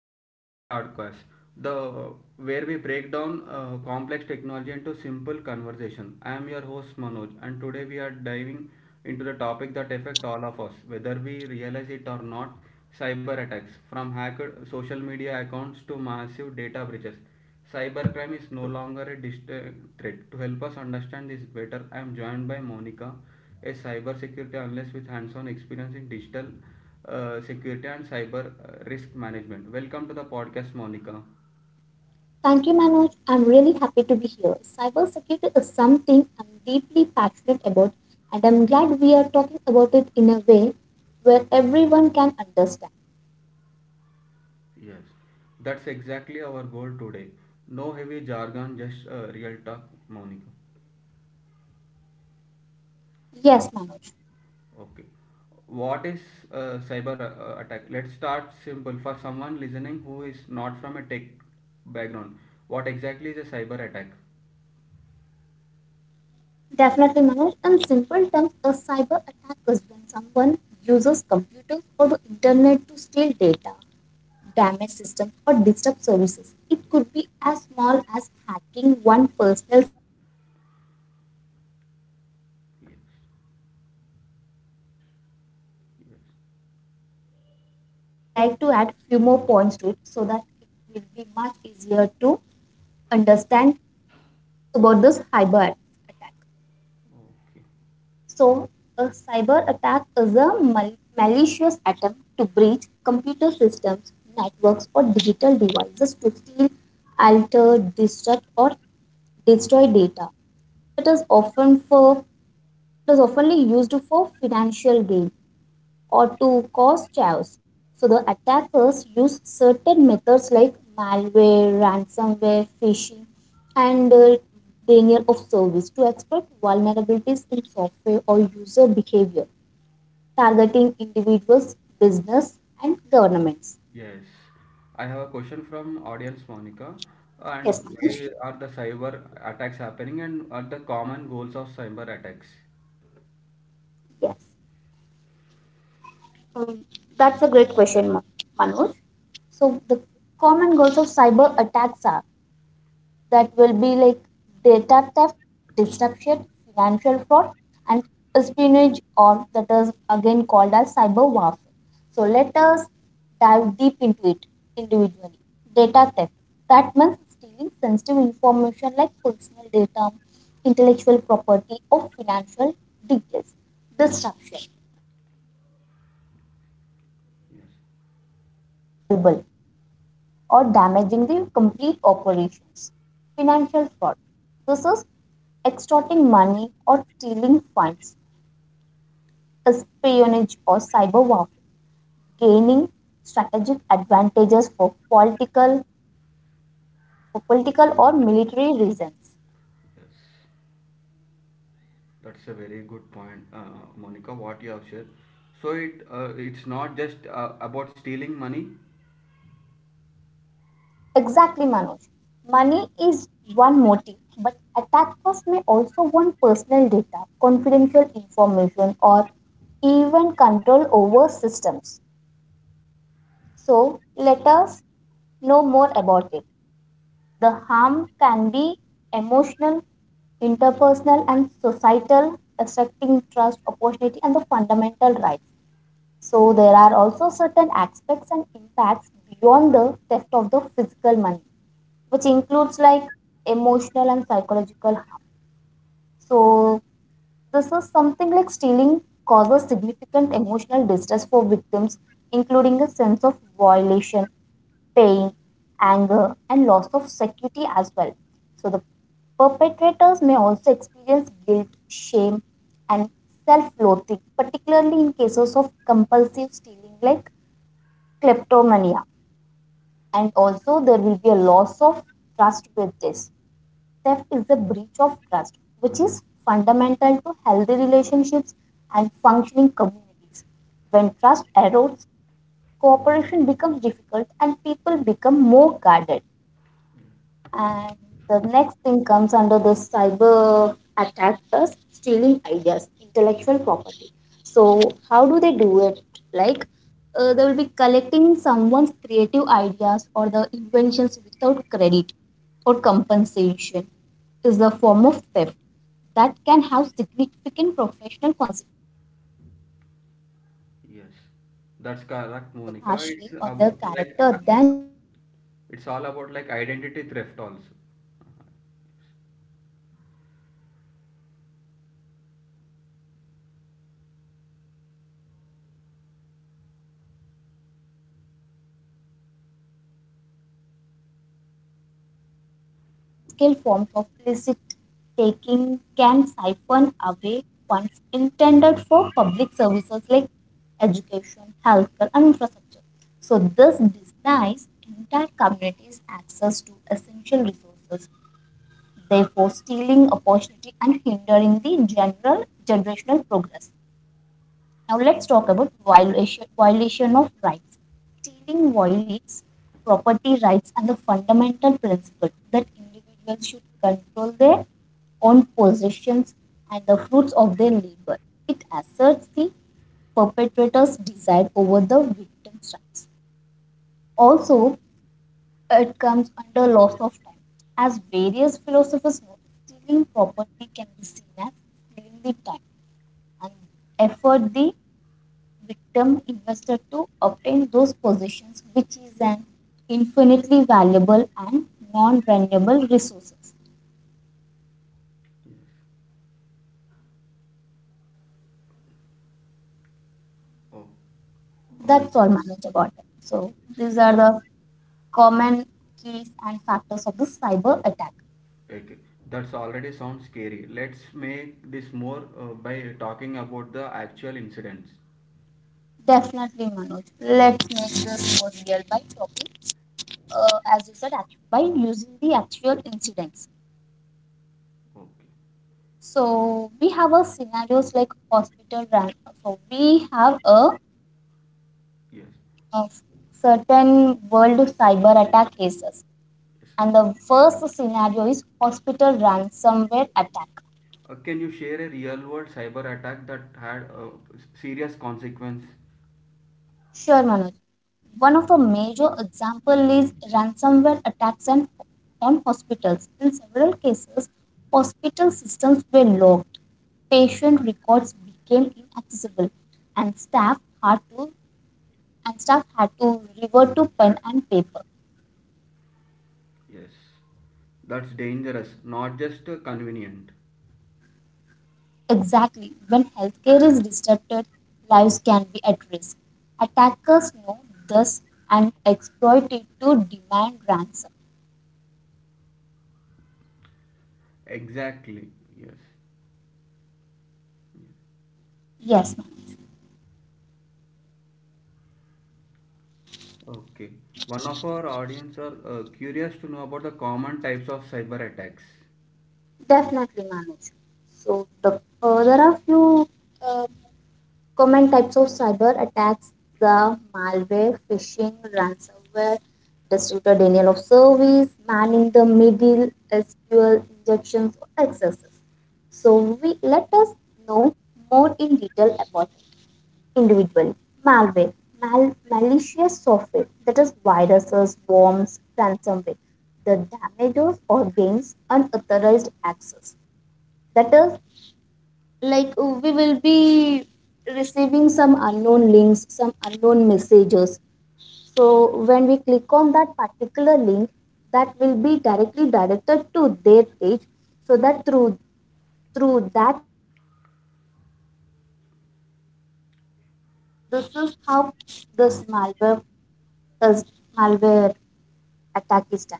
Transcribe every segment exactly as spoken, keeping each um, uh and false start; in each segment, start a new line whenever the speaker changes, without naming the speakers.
welcome to the podcast. The Where we break down uh, complex technology into simple conversation. I am your host Manoj, and today we are diving into the topic that affect all of us, whether we realize it or not. Cyber attacks, from hacked social media accounts to massive data breaches. Cybercrime is no longer a distant threat. To help us understand this better, I am joined by Monica, a cybersecurity analyst with hands-on experience in digital uh, security and cyber uh, risk management. Welcome to the podcast, Monica.
Thank you, Manoj. I'm really happy to be here. Cybersecurity is something I'm deeply passionate about, and I'm glad we are talking about it in a way where everyone can understand.
Yes, that's exactly our goal today. No heavy jargon, just uh, real talk, Monica.
Yes, Manoj.
Okay. What is uh, cyber uh, attack? Let's start simple for someone listening who is not from a tech background. What exactly is a cyber attack?
Definitely, Manoj. In simple terms, a cyber attack is when someone uses computers or the internet to steal data, damage systems, or disrupt services. It could be as small as hacking one person's email or as big as shutting
Yes.
down an entire company's network. To know
Yes.
more about and in detail, I would like to add few more points to it so that it will be much easier to understand about this cyber attack.
Okay.
So, a cyber attack is a mal- malicious attempt to breach computer systems, networks, or digital devices to steal, alter, disrupt, or destroy data. It is often for it is oftenly used for financial gain or to cause chaos. So the attackers use certain methods like malware, ransomware, phishing, and uh, denial of service to exploit vulnerabilities in software or user behavior, targeting individuals, business, and governments.
Yes. I have a question from audience Monica. And
Yes, Manoj.
where are the cyber attacks happening and are the common goals of cyber attacks?
Yes. Um, that's a great question, Ma- Manoj. So the common goals of cyber attacks are that will be like data theft, disruption, financial fraud, and espionage, or that is again called as cyber warfare. So let us dive deep into it individually. Data theft that means stealing sensitive information like personal data, intellectual property, or financial details. Disruption this comes making systems
Yes.
or networks unavailable or damaging the complete operations. Financial fraud. This is extorting money or stealing funds, espionage or cyber warfare, gaining strategic advantages for political for political or military reasons.
Yes. That's a very good point, uh, Monica, what you have shared. So it uh, it's not just uh, about stealing money.
Exactly, Manoj. Money is one motive, but attackers may also want personal data, confidential information, or even control over systems. So let us know more about it. The harm can be emotional, interpersonal, and societal, affecting trust, opportunity, and the fundamental rights. So there are also certain aspects and impacts beyond the theft of the physical money, which includes like emotional and psychological harm. So this is something like stealing causes significant emotional distress for victims, including a sense of violation, pain, anger, and loss of security as well. So, the perpetrators may also experience guilt, shame, and self loathing, particularly in cases of compulsive stealing like kleptomania. And also, there will be a loss of trust with this. Theft is a breach of trust, which is fundamental to healthy relationships and functioning communities. When trust erodes, cooperation becomes difficult and people become more guarded. And the next thing comes under the cyber attack stealing ideas, intellectual property. So how do they do it? Like uh, they will be collecting someone's creative ideas or the inventions without credit or compensation is a form of theft that can have significant professional consequences. Idea
Yes.
thieves are often
That's
judged
correct,
more
Monica. It's
harshly on
about
their
like
character than money achieves.
it's all about
So the
like identity
cyber
theft
attack
also.
attackers they'll also steal the creative ideas or the inventions which have been made from the companies. So opportunity cost and systematic harm. Corruption and other large scale forms of illicit taking can siphon away funds intended for public services like education, healthcare, and infrastructure. So, this denies entire communities access to essential resources, therefore, stealing opportunity and hindering the general generational progress. Now let's talk about violation, violation of rights. Stealing violates property rights and the fundamental principle that individuals should control their own possessions and the fruits of their labor. It asserts the perpetrator's desire over the victim's rights. Also, it comes under loss of time. As various philosophers note, stealing property can be seen as stealing the time and effort the victim investor to obtain those positions, which is an infinitely valuable and non-renewable resources.
Oh, okay.
That's all Manoj about it. So
Yes.
these are the common keys and factors of the cyber attack.
Okay, that's already sounds scary. Let's make this more uh, by talking about the actual incidents.
Definitely, Manoj. Let's make this more real by talking, uh, as you said, act- by using the actual incidents.
Okay,
So we have a scenarios like hospital ran. So we have a
yes,
of certain world cyber attack cases.
yes.
And the first scenario is hospital ransomware attack.
Uh, can you share a real world cyber attack that had uh, s- serious consequence?
Sure, Manoj. One of the major example is ransomware attacks and on hospitals. In several cases, hospital systems were locked, patient records became inaccessible, and staff had to and staff had to revert to pen and paper.
Yes, that's dangerous, not just uh, convenient.
Exactly. When healthcare is disrupted, lives can be at risk. Attackers know this and exploit it to demand ransom.
Exactly, yes.
Yes, Manoj.
Okay, one of our audience are uh, curious to know about the common types of cyber attacks.
Definitely, Manoj. So, the uh, there are few uh, common types of cyber attacks: the malware, phishing, ransomware, distributed denial of service, man in the middle, S Q L injections, or accesses. So, we let us know more in detail about it. Individual. Malware, mal- malicious software, that is viruses, worms, ransomware, the damages or gains unauthorized access. That is like uh, we will be receiving some unknown links, some unknown messages. So when we click on that particular link, that will be directly directed to their page so that through through that link they will be accessing a information. This is how this malware this malware attack is done.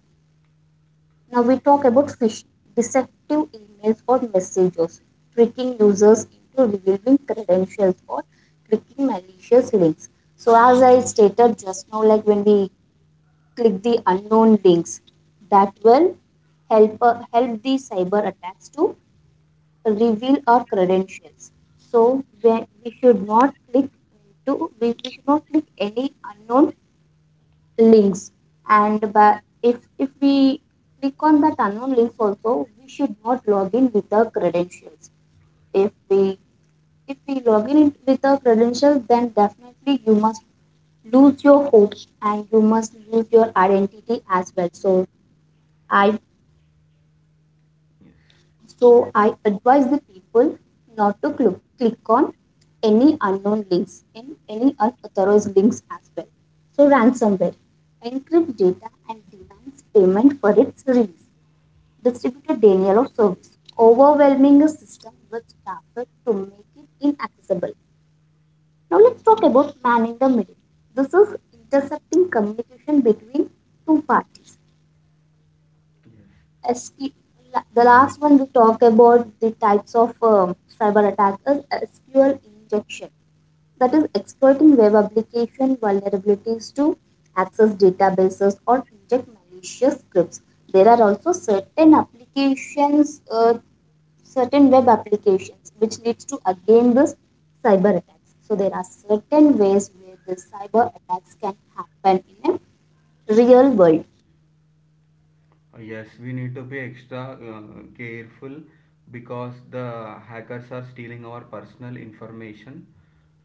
Now we talk about phishing, deceptive emails or messages, tricking users into revealing credentials or clicking malicious links. So as I stated just now, like when we click the unknown links, that will help uh, help the cyber attacks to reveal our credentials. So we, we should not click into we, we should not click any unknown links. And ba- if if we click on that unknown links also, we should not log in with our credentials. If we if we log in with our credentials, then definitely you must lose your hope and you must lose your identity as well. So I
Yes.
So I advise the people not to click, click on any unknown links and any unauthorized links as well. So ransomware encrypts data and demands payment for its release. Distributed denial of service, overwhelming a system with traffic to make it inaccessible. Now let's talk about man in the middle. This is intercepting communication between two parties.
Yes.
S Q the last one we talked about the types of um, cyber attack is S Q L injection, that is exploiting web application vulnerabilities to access databases or inject malicious scripts. There are also certain applications, uh, certain web applications, which leads to again this cyber attacks. So there are certain ways where the cyber attacks can happen in a real world.
Uh, Yes, we need to be extra uh, careful because the hackers are stealing our personal information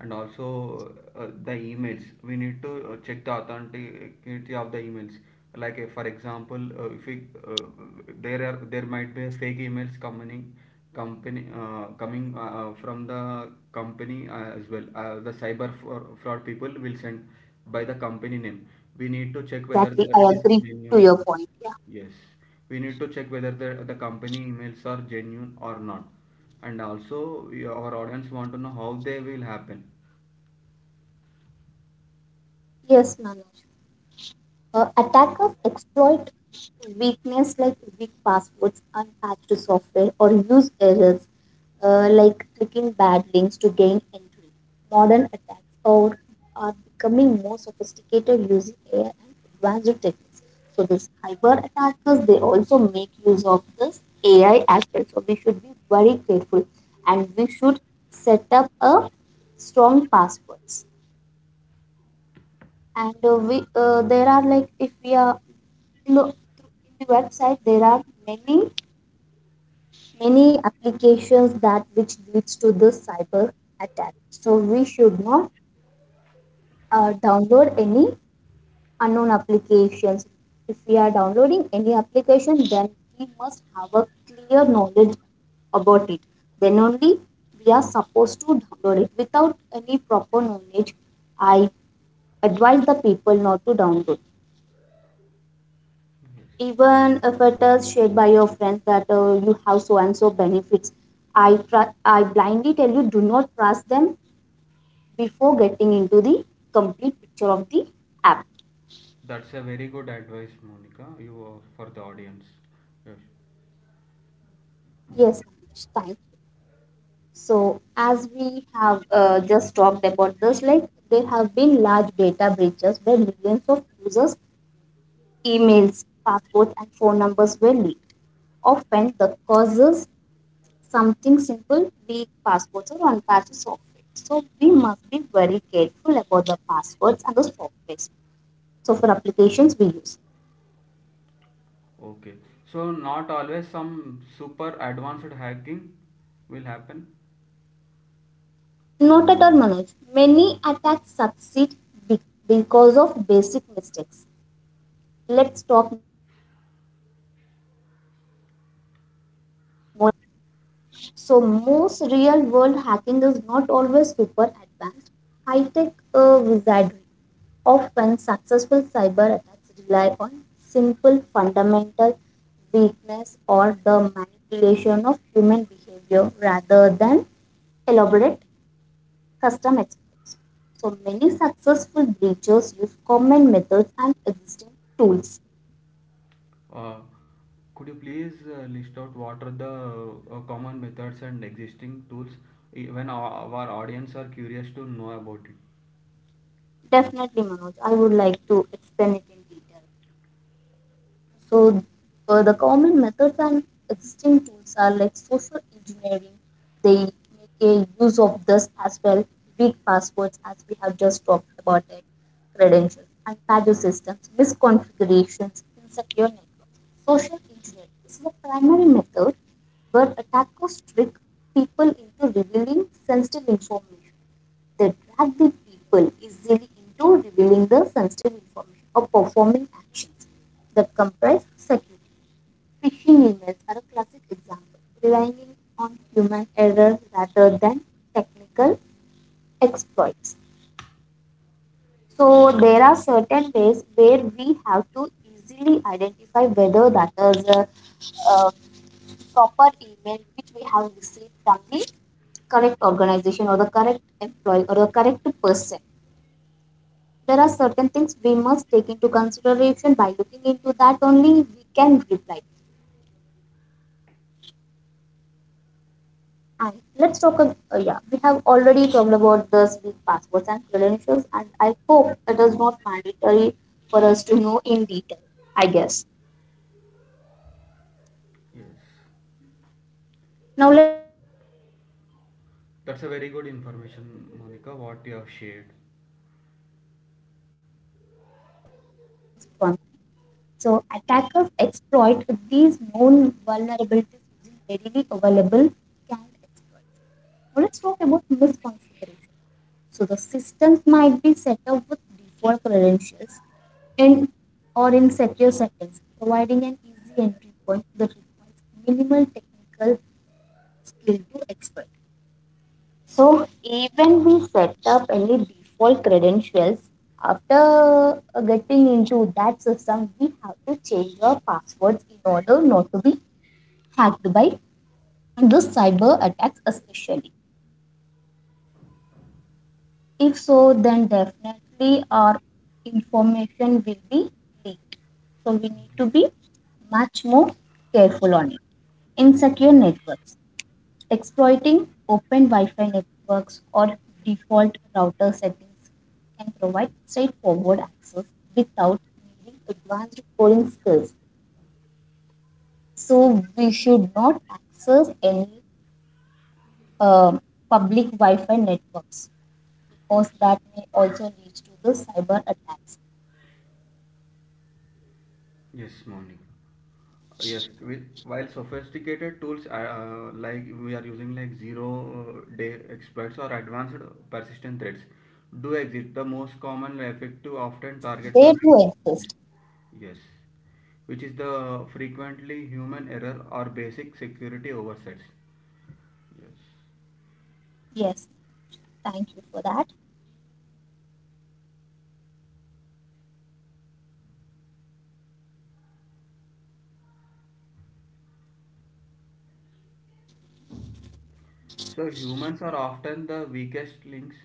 and also uh, the emails. We need to uh, check the authenticity of the emails. Like uh, for example, uh, if we, uh, there are there might be fake emails coming company uh, coming uh, uh, from the company uh, as well. Uh, the cyber for, fraud people will send by the company name. We
Yes,
need to
Manoj,
check whether
exactly.
the- it
I
is
agree to
genuine.
your point. Yeah.
Yes, we need to check whether the, the company emails are genuine or not. And also, we- our audience want to know how they will happen.
Yes, Manoj. Uh, attackers exploit weakness like weak passwords, unpatched software, or use errors uh, like clicking bad links to gain entry. Modern attacks are, are becoming more sophisticated using A I and advanced techniques. So these cyber attackers they also make use of this A I as well. So we should be very grateful and we should set up a strong passwords and uh, we uh, there are like if we are look through in the website there are many many applications that which leads to this cyber attack, so we should not uh, download any unknown applications. If we are downloading any application then we must have a clear knowledge about it, then only we are supposed to download it without any proper knowledge. I advise the people not to download
Yes,
even if it is shared by your friends that uh, you have so and so benefits. I tr- i blindly tell you, do not trust them before getting into the complete picture of the app.
that's a very good advice, Monica. You are for the audience. Yes.
Yes Manish, thank you. So as we have uh, just talked about this, like there have been large data breaches where millions of users emails passwords and phone numbers were leaked, often the causes something simple, weak passwords or unpatched software. So we must be very careful about the passwords and the softwares. So for applications we use.
Okay. So not always some super advanced hacking will happen.
Note at all Manoj, many attacks succeed be- because of basic mistakes. Let's talk more about it. So most real world hacking is not always super advanced, high tech uh, wizardry. Often successful cyber attacks rely on simple fundamental weakness or the manipulation of human behavior rather than elaborate custom exploits. So many successful breaches use common methods and existing tools.
Uh, could you please uh, list out what are the uh, common methods and existing tools? Even our, our audience are curious to know about it.
Definitely, Manoj, I would like to explain it in detail. So uh, the common methods and existing tools are like social engineering. They make a use of this as well, weak passwords as we have just talked about it, credentials, unpadded systems, misconfigurations, insecure networks. Social engineering is the primary method where attackers trick people into revealing sensitive information that drag the people easily into revealing the sensitive information or performing actions that compromise security. Phishing emails are a classic example, relying on human error rather than technical exploits. So there are certain ways where we have to easily identify whether that is a, uh proper email which we have received from the correct organization or the correct employee or the correct person. There are certain things we must take into consideration by looking into that only we can reply. And let's talk. Ab- Uh, yeah, we have already talked about this with passwords and credentials, and I hope it is not mandatory for us to know in detail. I guess.
Yes.
Now
That's
let's talk about unpatched systems.
That's
Many
a very good
organizations
information,
fail
Monica, what you
to
have shared.
install security updates for their software or operating systems promptly. So attackers exploit these known vulnerabilities using readily available canned exploits. Now let's talk about misconfiguration. So the systems might be set up with default credentials in or in secure settings, providing an easy entry point that requires minimal technical skill to exploit. So even we set up any default credentials after uh, getting into that system, we have to change our passwords in order not to be hacked by those cyber attacks especially. If so, then definitely our information will be leaked. So we need
Mm,
to
yes,
be much more careful on it. Insecure networks. Exploiting open Wi Fi networks or default router settings can provide straightforward access without needing advanced coding skills. So, we should not access any uh, public Wi Fi networks because that may also lead to the cyber attacks.
yes, Monica. Yes, with, while sophisticated tools uh, uh, like we are using like zero uh, day exploits or advanced persistent threats do exist, the most common effective often target the
They
weak
do
links.
exist.
Yes, which is the frequently human error or basic security oversights. Yes.
Yes, thank you for that.
So humans are often the weakest links.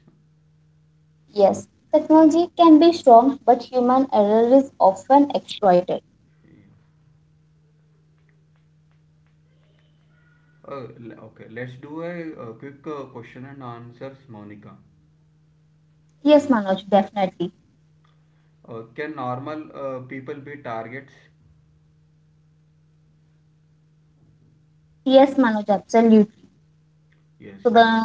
Yes, technology can be strong, but human error is often exploited.
Yes. Uh, l- okay, let's do a, uh quick uh, question and answers, Monica.
Yes, Manoj, definitely.
Uh, can normal uh, people be targets?
Yes, Manoj, absolutely.
Yes,
So
okay.
the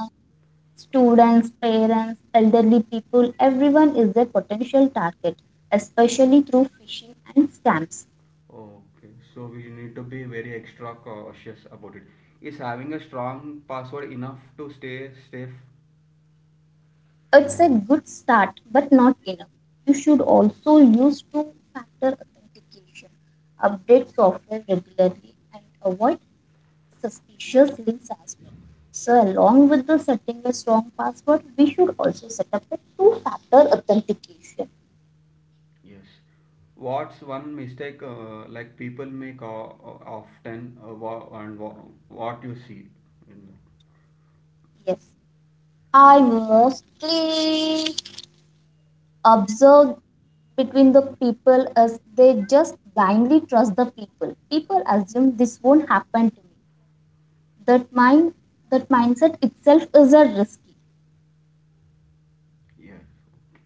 students, parents, elderly people, everyone is a potential target, especially through phishing and scams.
Okay, so we need to be very extra cautious about it. Is having a strong password enough to stay safe?
It's a good start, but not enough. You should also use two factor authentication, update software regularly, and avoid suspicious links as well. So, along with the setting a strong password, we should also set up a two factor authentication.
Yes. What's one mistake uh, like people make o- o- often uh, wha- and wha- what you see in the
Yes, I mostly observe between the people as they just blindly trust the people. People assume this won't happen to me. That mind, that mindset itself is a risky.
yes. Okay.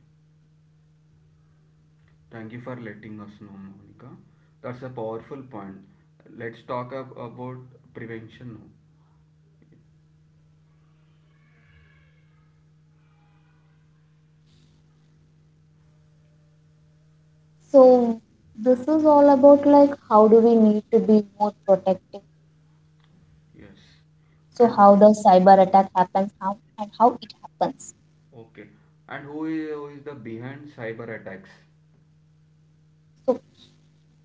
Thank you for letting us know, Monica. That's a powerful point. Let's talk ab- about
Yes, Manoj, thank you
prevention
for
now.
that. So this is all about like how do we need to be more protective.
Yes.
So
And
how the cyber attack happens, how and how it happens.
okay. And who is, who is the behind cyber attacks?
So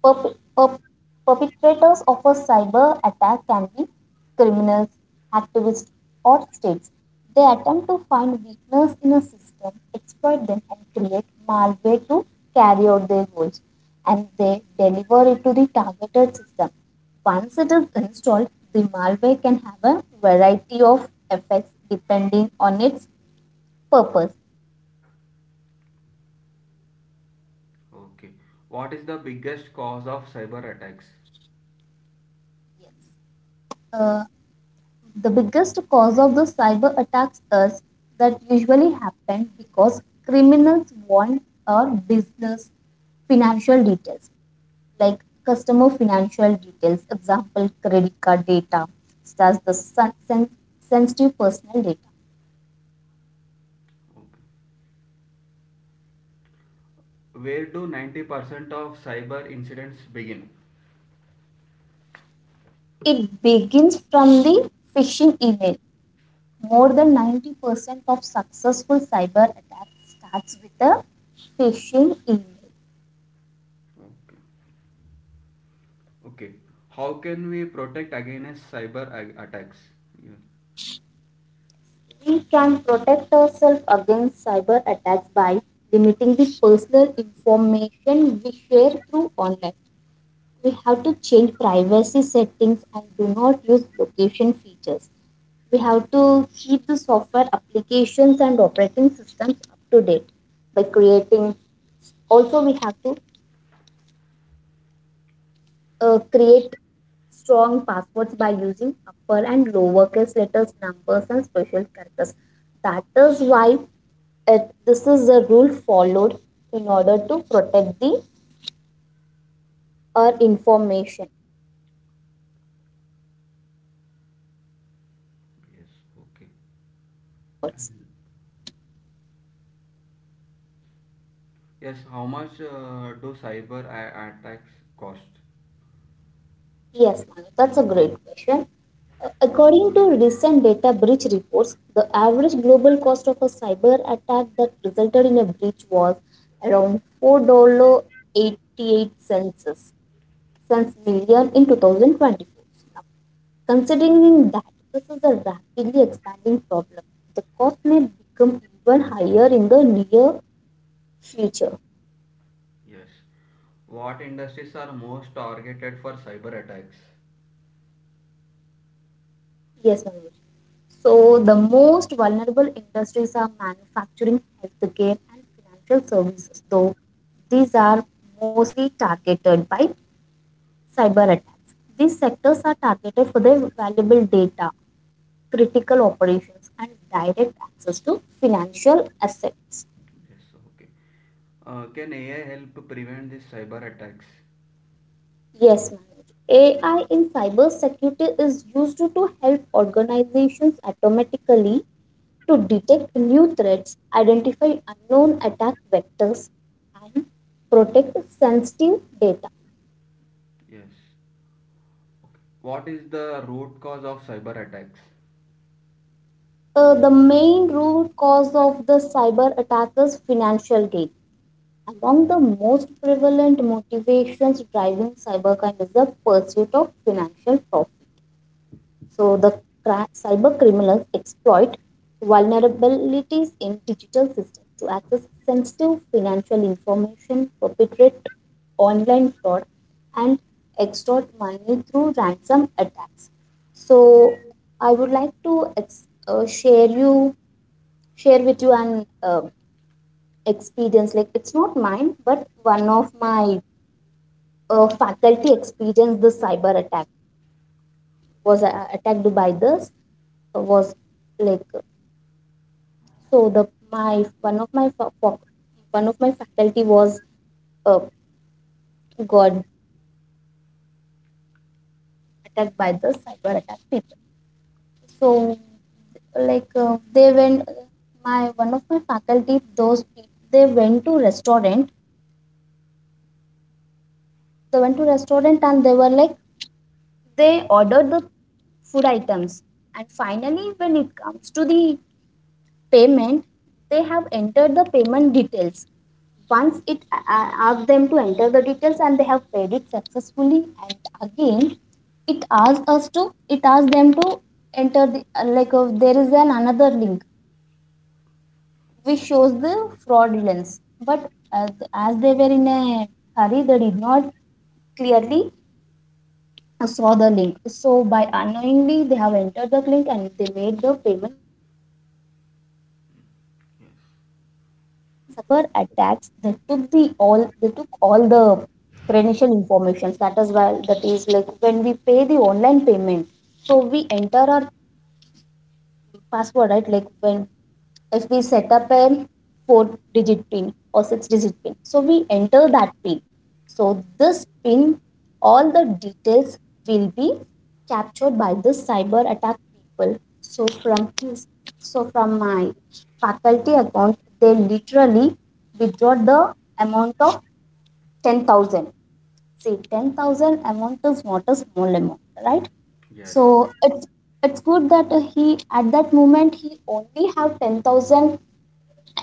Perp- perp- perpetrators of a cyber attack can be criminals, activists, or states. They attempt to find weakness in a system, exploit them, and create malware to carry out their goals. And they deliver it to the targeted system. Once it is installed, the malware can have a variety of effects depending on its purpose.
Okay. What is the biggest cause of cyber attacks?
Yes. Uh, The biggest cause of the cyber attacks is that usually happen because criminals want our business financial details, like customer financial details, example credit card data, starts the sen- sen- sensitive personal data.
Okay. Where do ninety percent of cyber incidents begin?
It begins from the phishing email. More than ninety percent of successful cyber attacks starts with a phishing email.
Okay. Okay. How can we protect against cyber ag- attacks? Yeah.
We can protect ourselves against cyber attacks by limiting the personal information we share through online. We have to change privacy settings and do not use location features. We have to keep the software applications and operating systems up to date by creating also we have to uh, create strong passwords by using upper and lowercase letters, numbers, and special characters. That is why it, this is the rule followed in order to protect the our information. This is the rule we follow
Yes.
to set
Okay.
up a strong passwords.
And yes, how much uh, do cyber a- attacks cost?
Yes, Manik, that's a great question. Uh, According to recent data breach reports, the average global cost of a cyber attack that resulted in a breach was around four point eight eight dollar eighty-eight cents million in twenty twenty-four. Now, considering that this is a rapidly expanding problem, the cost may become even higher in the near future.
Yes. What industries are most targeted for cyber attacks?
Yes, Manoj. So the most vulnerable industries are manufacturing, healthcare, and financial services, though these are mostly targeted by cyber attacks. These sectors are targeted for their valuable data, critical operations, and direct access to financial assets.
Yes, okay. Uh, can A I help prevent these cyber attacks?
Yes, Manoj. A I in cybersecurity is used to help organizations automatically to detect new threats, identify unknown attack vectors, and protect sensitive data.
Yes. What is the root cause of cyber attacks?
Uh, the main root cause of the cyber attack is financial gain. Among the most prevalent motivations driving cybercrime is the pursuit of financial profit. So the cra- cyber criminals exploit vulnerabilities in digital systems to access sensitive financial information, perpetrate online fraud, and extort money through ransom attacks. So I would like to ex- uh, share you share with you an uh, experience. Like it's not mine, but one of my uh, faculty experienced the cyber attack was uh, attacked by this was like. So the my one of my fa- fa- one of my faculty was uh, got attacked by the cyber attack people. So like uh, they went my one of my faculty those people they went to restaurant they went to restaurant and they were like they ordered the food items, and finally when it comes to the payment, they have entered the payment details. Once it a- asks them to enter the details and they have paid it successfully, and again it asks us to it asks them to enter the uh, like uh, there is an another link which shows the fraudulence. But uh, as they were in a hurry, they did not clearly saw the link. So by unknowingly, they have entered the link and they made the payment successfully. So through that, with that link, the cyber attacks they took the all they took all the credential information. That is why that is like when we pay the online payment. So we enter our password right. Like when if we set up a four digit pin or six digit pin, so we enter that pin. So this pin, all the details will be captured by the cyber attack people. So from his so from my faculty account they literally withdraw the amount of ten thousand. See, ten thousand amount is not a small amount, right?
Yes.
So it's it's good that uh, he at that moment he only have ten thousand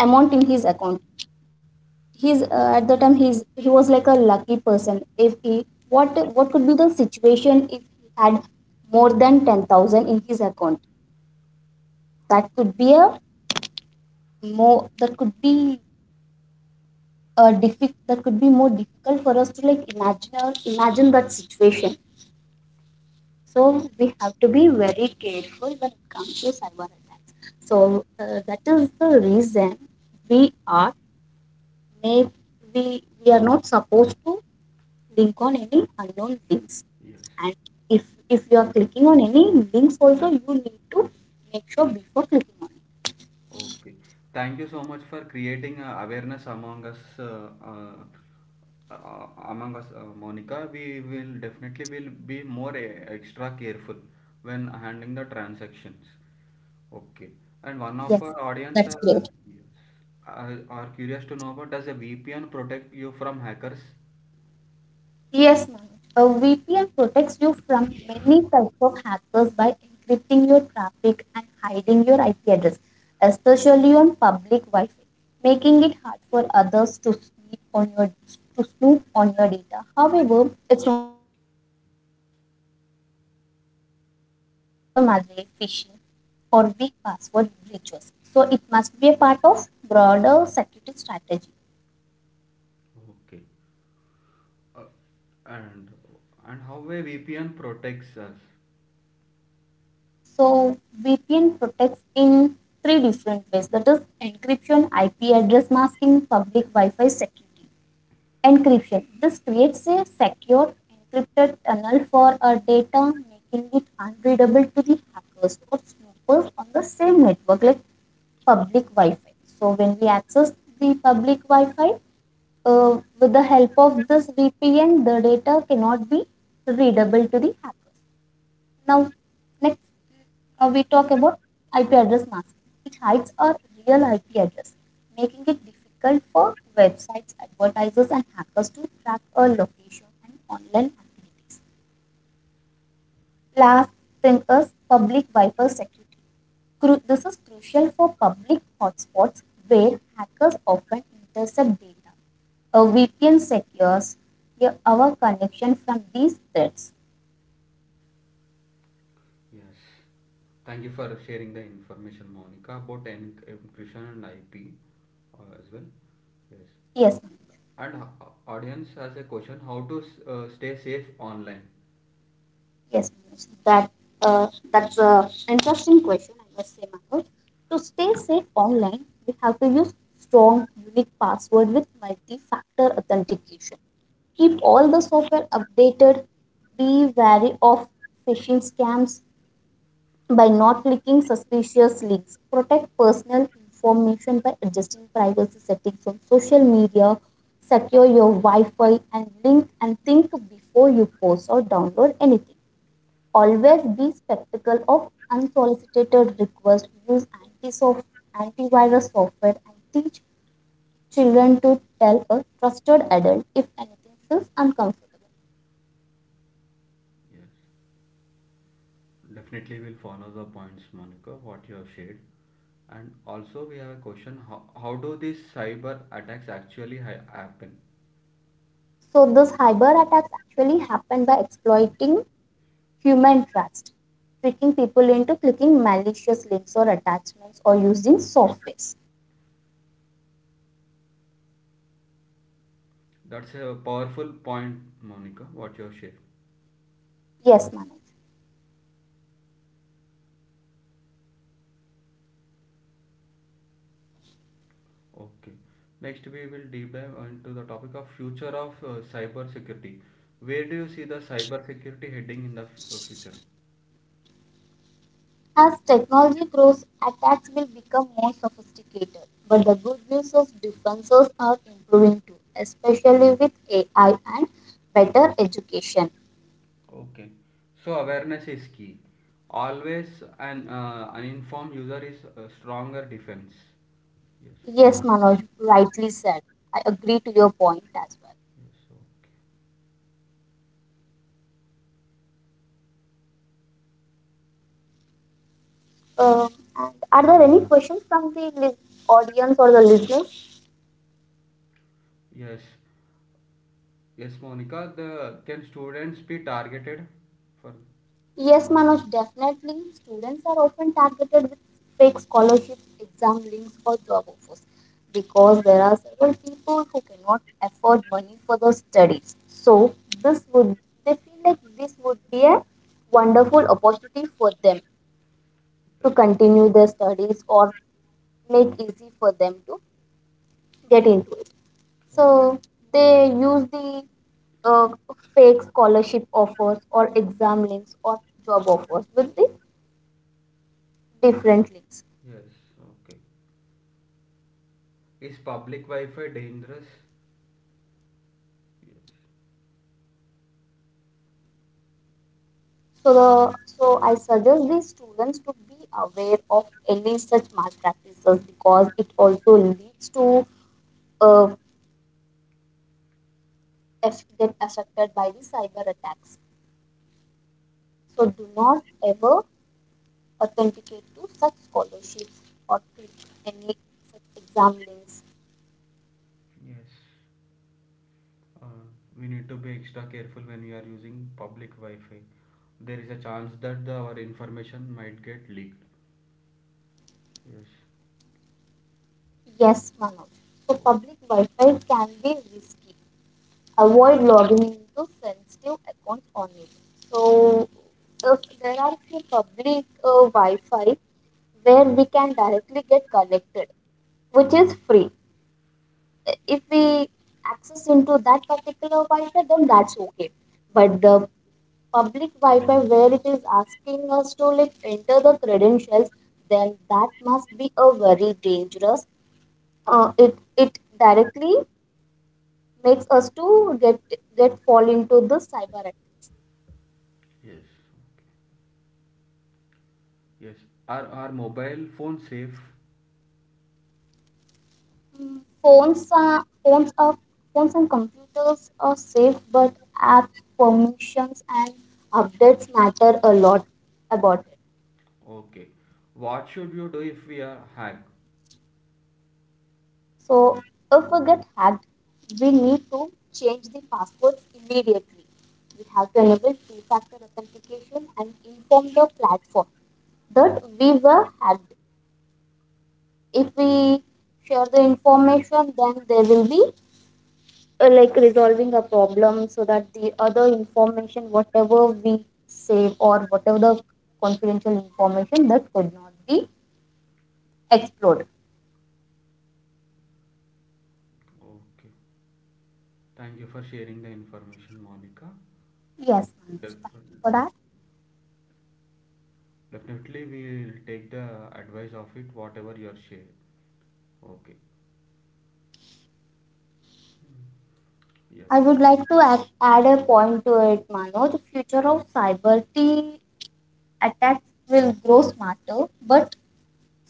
amount in his account. He's uh, at the time he's he was like a lucky person. If he, what what could be the situation if he had more than ten thousand in his account? That could be a more that could be a diffi- that could be more difficult for us to like imagine imagine that situation. So we have to be very careful when it comes to cyber attacks. So uh, that is the reason we are make we we are not supposed to link on any unknown links.
Yes.
And if if you are clicking on any links, also you need to make sure before clicking on
Okay. Thank you so much for creating uh, awareness among us, uh, uh, uh, among us, uh, Monica. We will definitely will be more e- extra careful when handling the transactions. Okay. And one
it.
of
Yes,
our audience
that's
uh,
great.
yes, are, are curious to know about does a V P N protect you from hackers?
Yes, Manoj. A V P N protects you from many types of hackers by encrypting your traffic and hiding your I P address, especially on public Wi-Fi, making it hard for others to snoop on your to snoop on your data. However, it's not a magic sheet and won't stop sophisticated attacks like malware, phishing, or weak password breaches. So it must be a part of broader security strategy.
Okay. Uh, and and how a V P N protects us?
So V P N protects in three different ways. That is encryption, I P address masking, public Wi-Fi security. Encryption. This creates a secure encrypted tunnel for our data, making it unreadable to the hackers or snoopers on the same network like public Wi-Fi. So when we access the public Wi-Fi, uh, with the help of this V P N, the data cannot be readable to the hacker. Now, next, now we talk about I P address masking. It hides a real I P address, making it difficult for websites, advertisers, and hackers to track a location and online activities. Last thing is public Wi-Fi security. This is crucial for public hotspots where hackers often intercept data. A V P N secures, yeah, our connection from these threats.
Yes. Thank you for sharing the information, Monica, about en- encryption and I P uh, as well. Yes.
Yes, ma'am.
And ho- audience has a question: How to s- uh, stay safe online?
Yes, Manoj, that uh, that's a interesting question. I must say, Manoj. To stay safe online, we have to use strong, unique password with multi-factor authentication. Keep all the software updated. Be wary of phishing scams by not clicking suspicious links. Protect personal information by adjusting privacy settings on social media. Secure your Wi-Fi and link and think before you post or download anything. Always be spectacle of unsolicited requests. Use anti-soft, antivirus software and teach children to tell a trusted adult if anything feels uncomfortable.
Yes. Definitely, we'll follow the points, Monica, what you have shared. And also, we have a question: How, how do these cyber attacks actually ha- happen?
So these cyber attacks actually happen by exploiting human trust, tricking people into clicking malicious links or attachments or using softwares.
That's a powerful point, Monica, what you have shared.
Yes, Manu.
Okay. Next, we will deep dive into the topic of future of uh, cyber security. Where do you see the cyber security heading in the f- uh, future?
As technology grows, attacks will become more sophisticated, but the good news of defenses are improving too, especially with A I and better education.
Okay. So awareness is key. Always an uh, uninformed user is a stronger defense. Yes.
Yes, Manoj, rightly said. I agree to your point as
Yes. Okay.
well. Um, and are there any questions from the lis- audience or the listeners?
Yes. Yes, Monica. The can students be targeted for?
Yes, Manoj, definitely. Students are often targeted with fake scholarships, exam links, or job offers because there are several people who cannot afford money for their studies. So this would they feel like this would be a wonderful opportunity for them to continue their studies or make easy for them to get into it.
Oh,
So they use the uh, fake scholarship offers or exam links or job offers with the different links.
yes. Okay. Is public Wi-Fi dangerous? Yes.
So the so I suggest the students to be aware of any such malpractices because it also leads to uh, if get affected by the cyber attacks. So do not ever authenticate to such scholarships or click any such exam links
Yes. Uh,
and job
we
offers.
need to be extra careful when we are using public Wi-Fi. There is a chance that the, our information might get leaked. Yes.
Yes, Manoj. So
Oh,
public Wi-Fi can be risky, avoid logging into sensitive accounts only. So, if there are few public uh, Wi-Fi where we can directly get connected, which is free. If we access into that particular Wi-Fi, then that's okay. But the public Wi-Fi where it is asking us to like enter the credentials, then that must be a very dangerous. Uh, it it directly makes us to get get fall into the cyber attack.
yes. Okay. Yes. Are our mobile phone safe?
Mm, Phones are phones are phones and computers are safe, but apps, permissions, and updates matter a lot about it.
Okay. What should you do if we are hacked?
So if we get hacked, we need to change the passwords immediately. We have to enable two-factor authentication and inform the platform that we were hacked. If we share the information, then there will be uh, like resolving a problem so that the other information whatever we save or whatever the confidential information that could not be explored.
Okay. Thank you for sharing the information, Monica.
Yes, Manoj,
Def-
thank you for that.
Definitely, we'll take the advice of it, whatever you are sharing. Okay. Yes.
I would like to add, add a point to it, Manoj. The future of cyber t attacks will grow smarter, but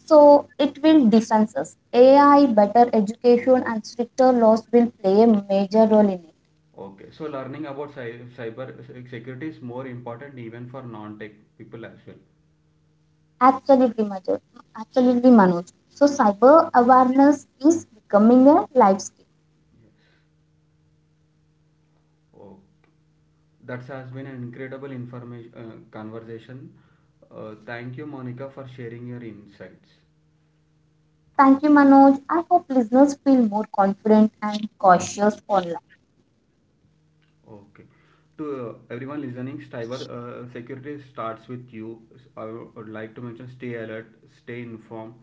so it will distance us. AI, better education and stricter laws will play a major role in it.
Okay, so learning about cy- cyber se- security is more important even for non-tech people as well.
Absolutely, Manoj. Absolutely, Manoj. So, cyber awareness is becoming a life skill.
Yes. Oh, that has been an incredible information uh, conversation. Uh, thank you, Monica, for sharing your insights.
Thank you, Manoj. I hope listeners feel more confident and cautious online.
Okay. To uh, everyone listening, cyber uh, security starts with you. I would like to mention stay alert, stay informed,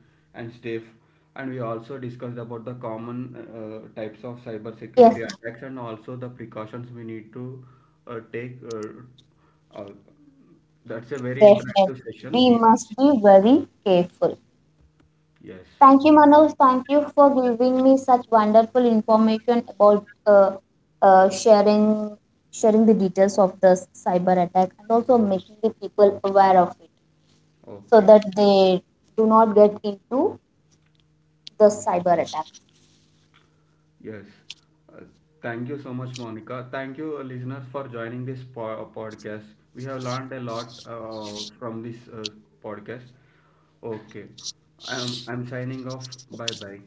and stay. f- and we also discussed about the common uh, types of cyber
Yes,
security attacks and also the precautions we need to uh, take. Uh, uh, that's a very
definitely.
interactive session.
We
Even
must be very careful.
yes.
Thank you, Manoj. Thank you for giving me such wonderful information about uh, uh, sharing sharing the details of this cyber attack and also making the people aware of it so
Okay.
that they do not get into the cyber attack.
Yes. Uh, Thank you so much, Monica. Thank you, uh, listeners, for joining this po- uh, podcast. We have learned a lot uh, from this uh, podcast. Okay. I'm, I'm signing off. Bye bye.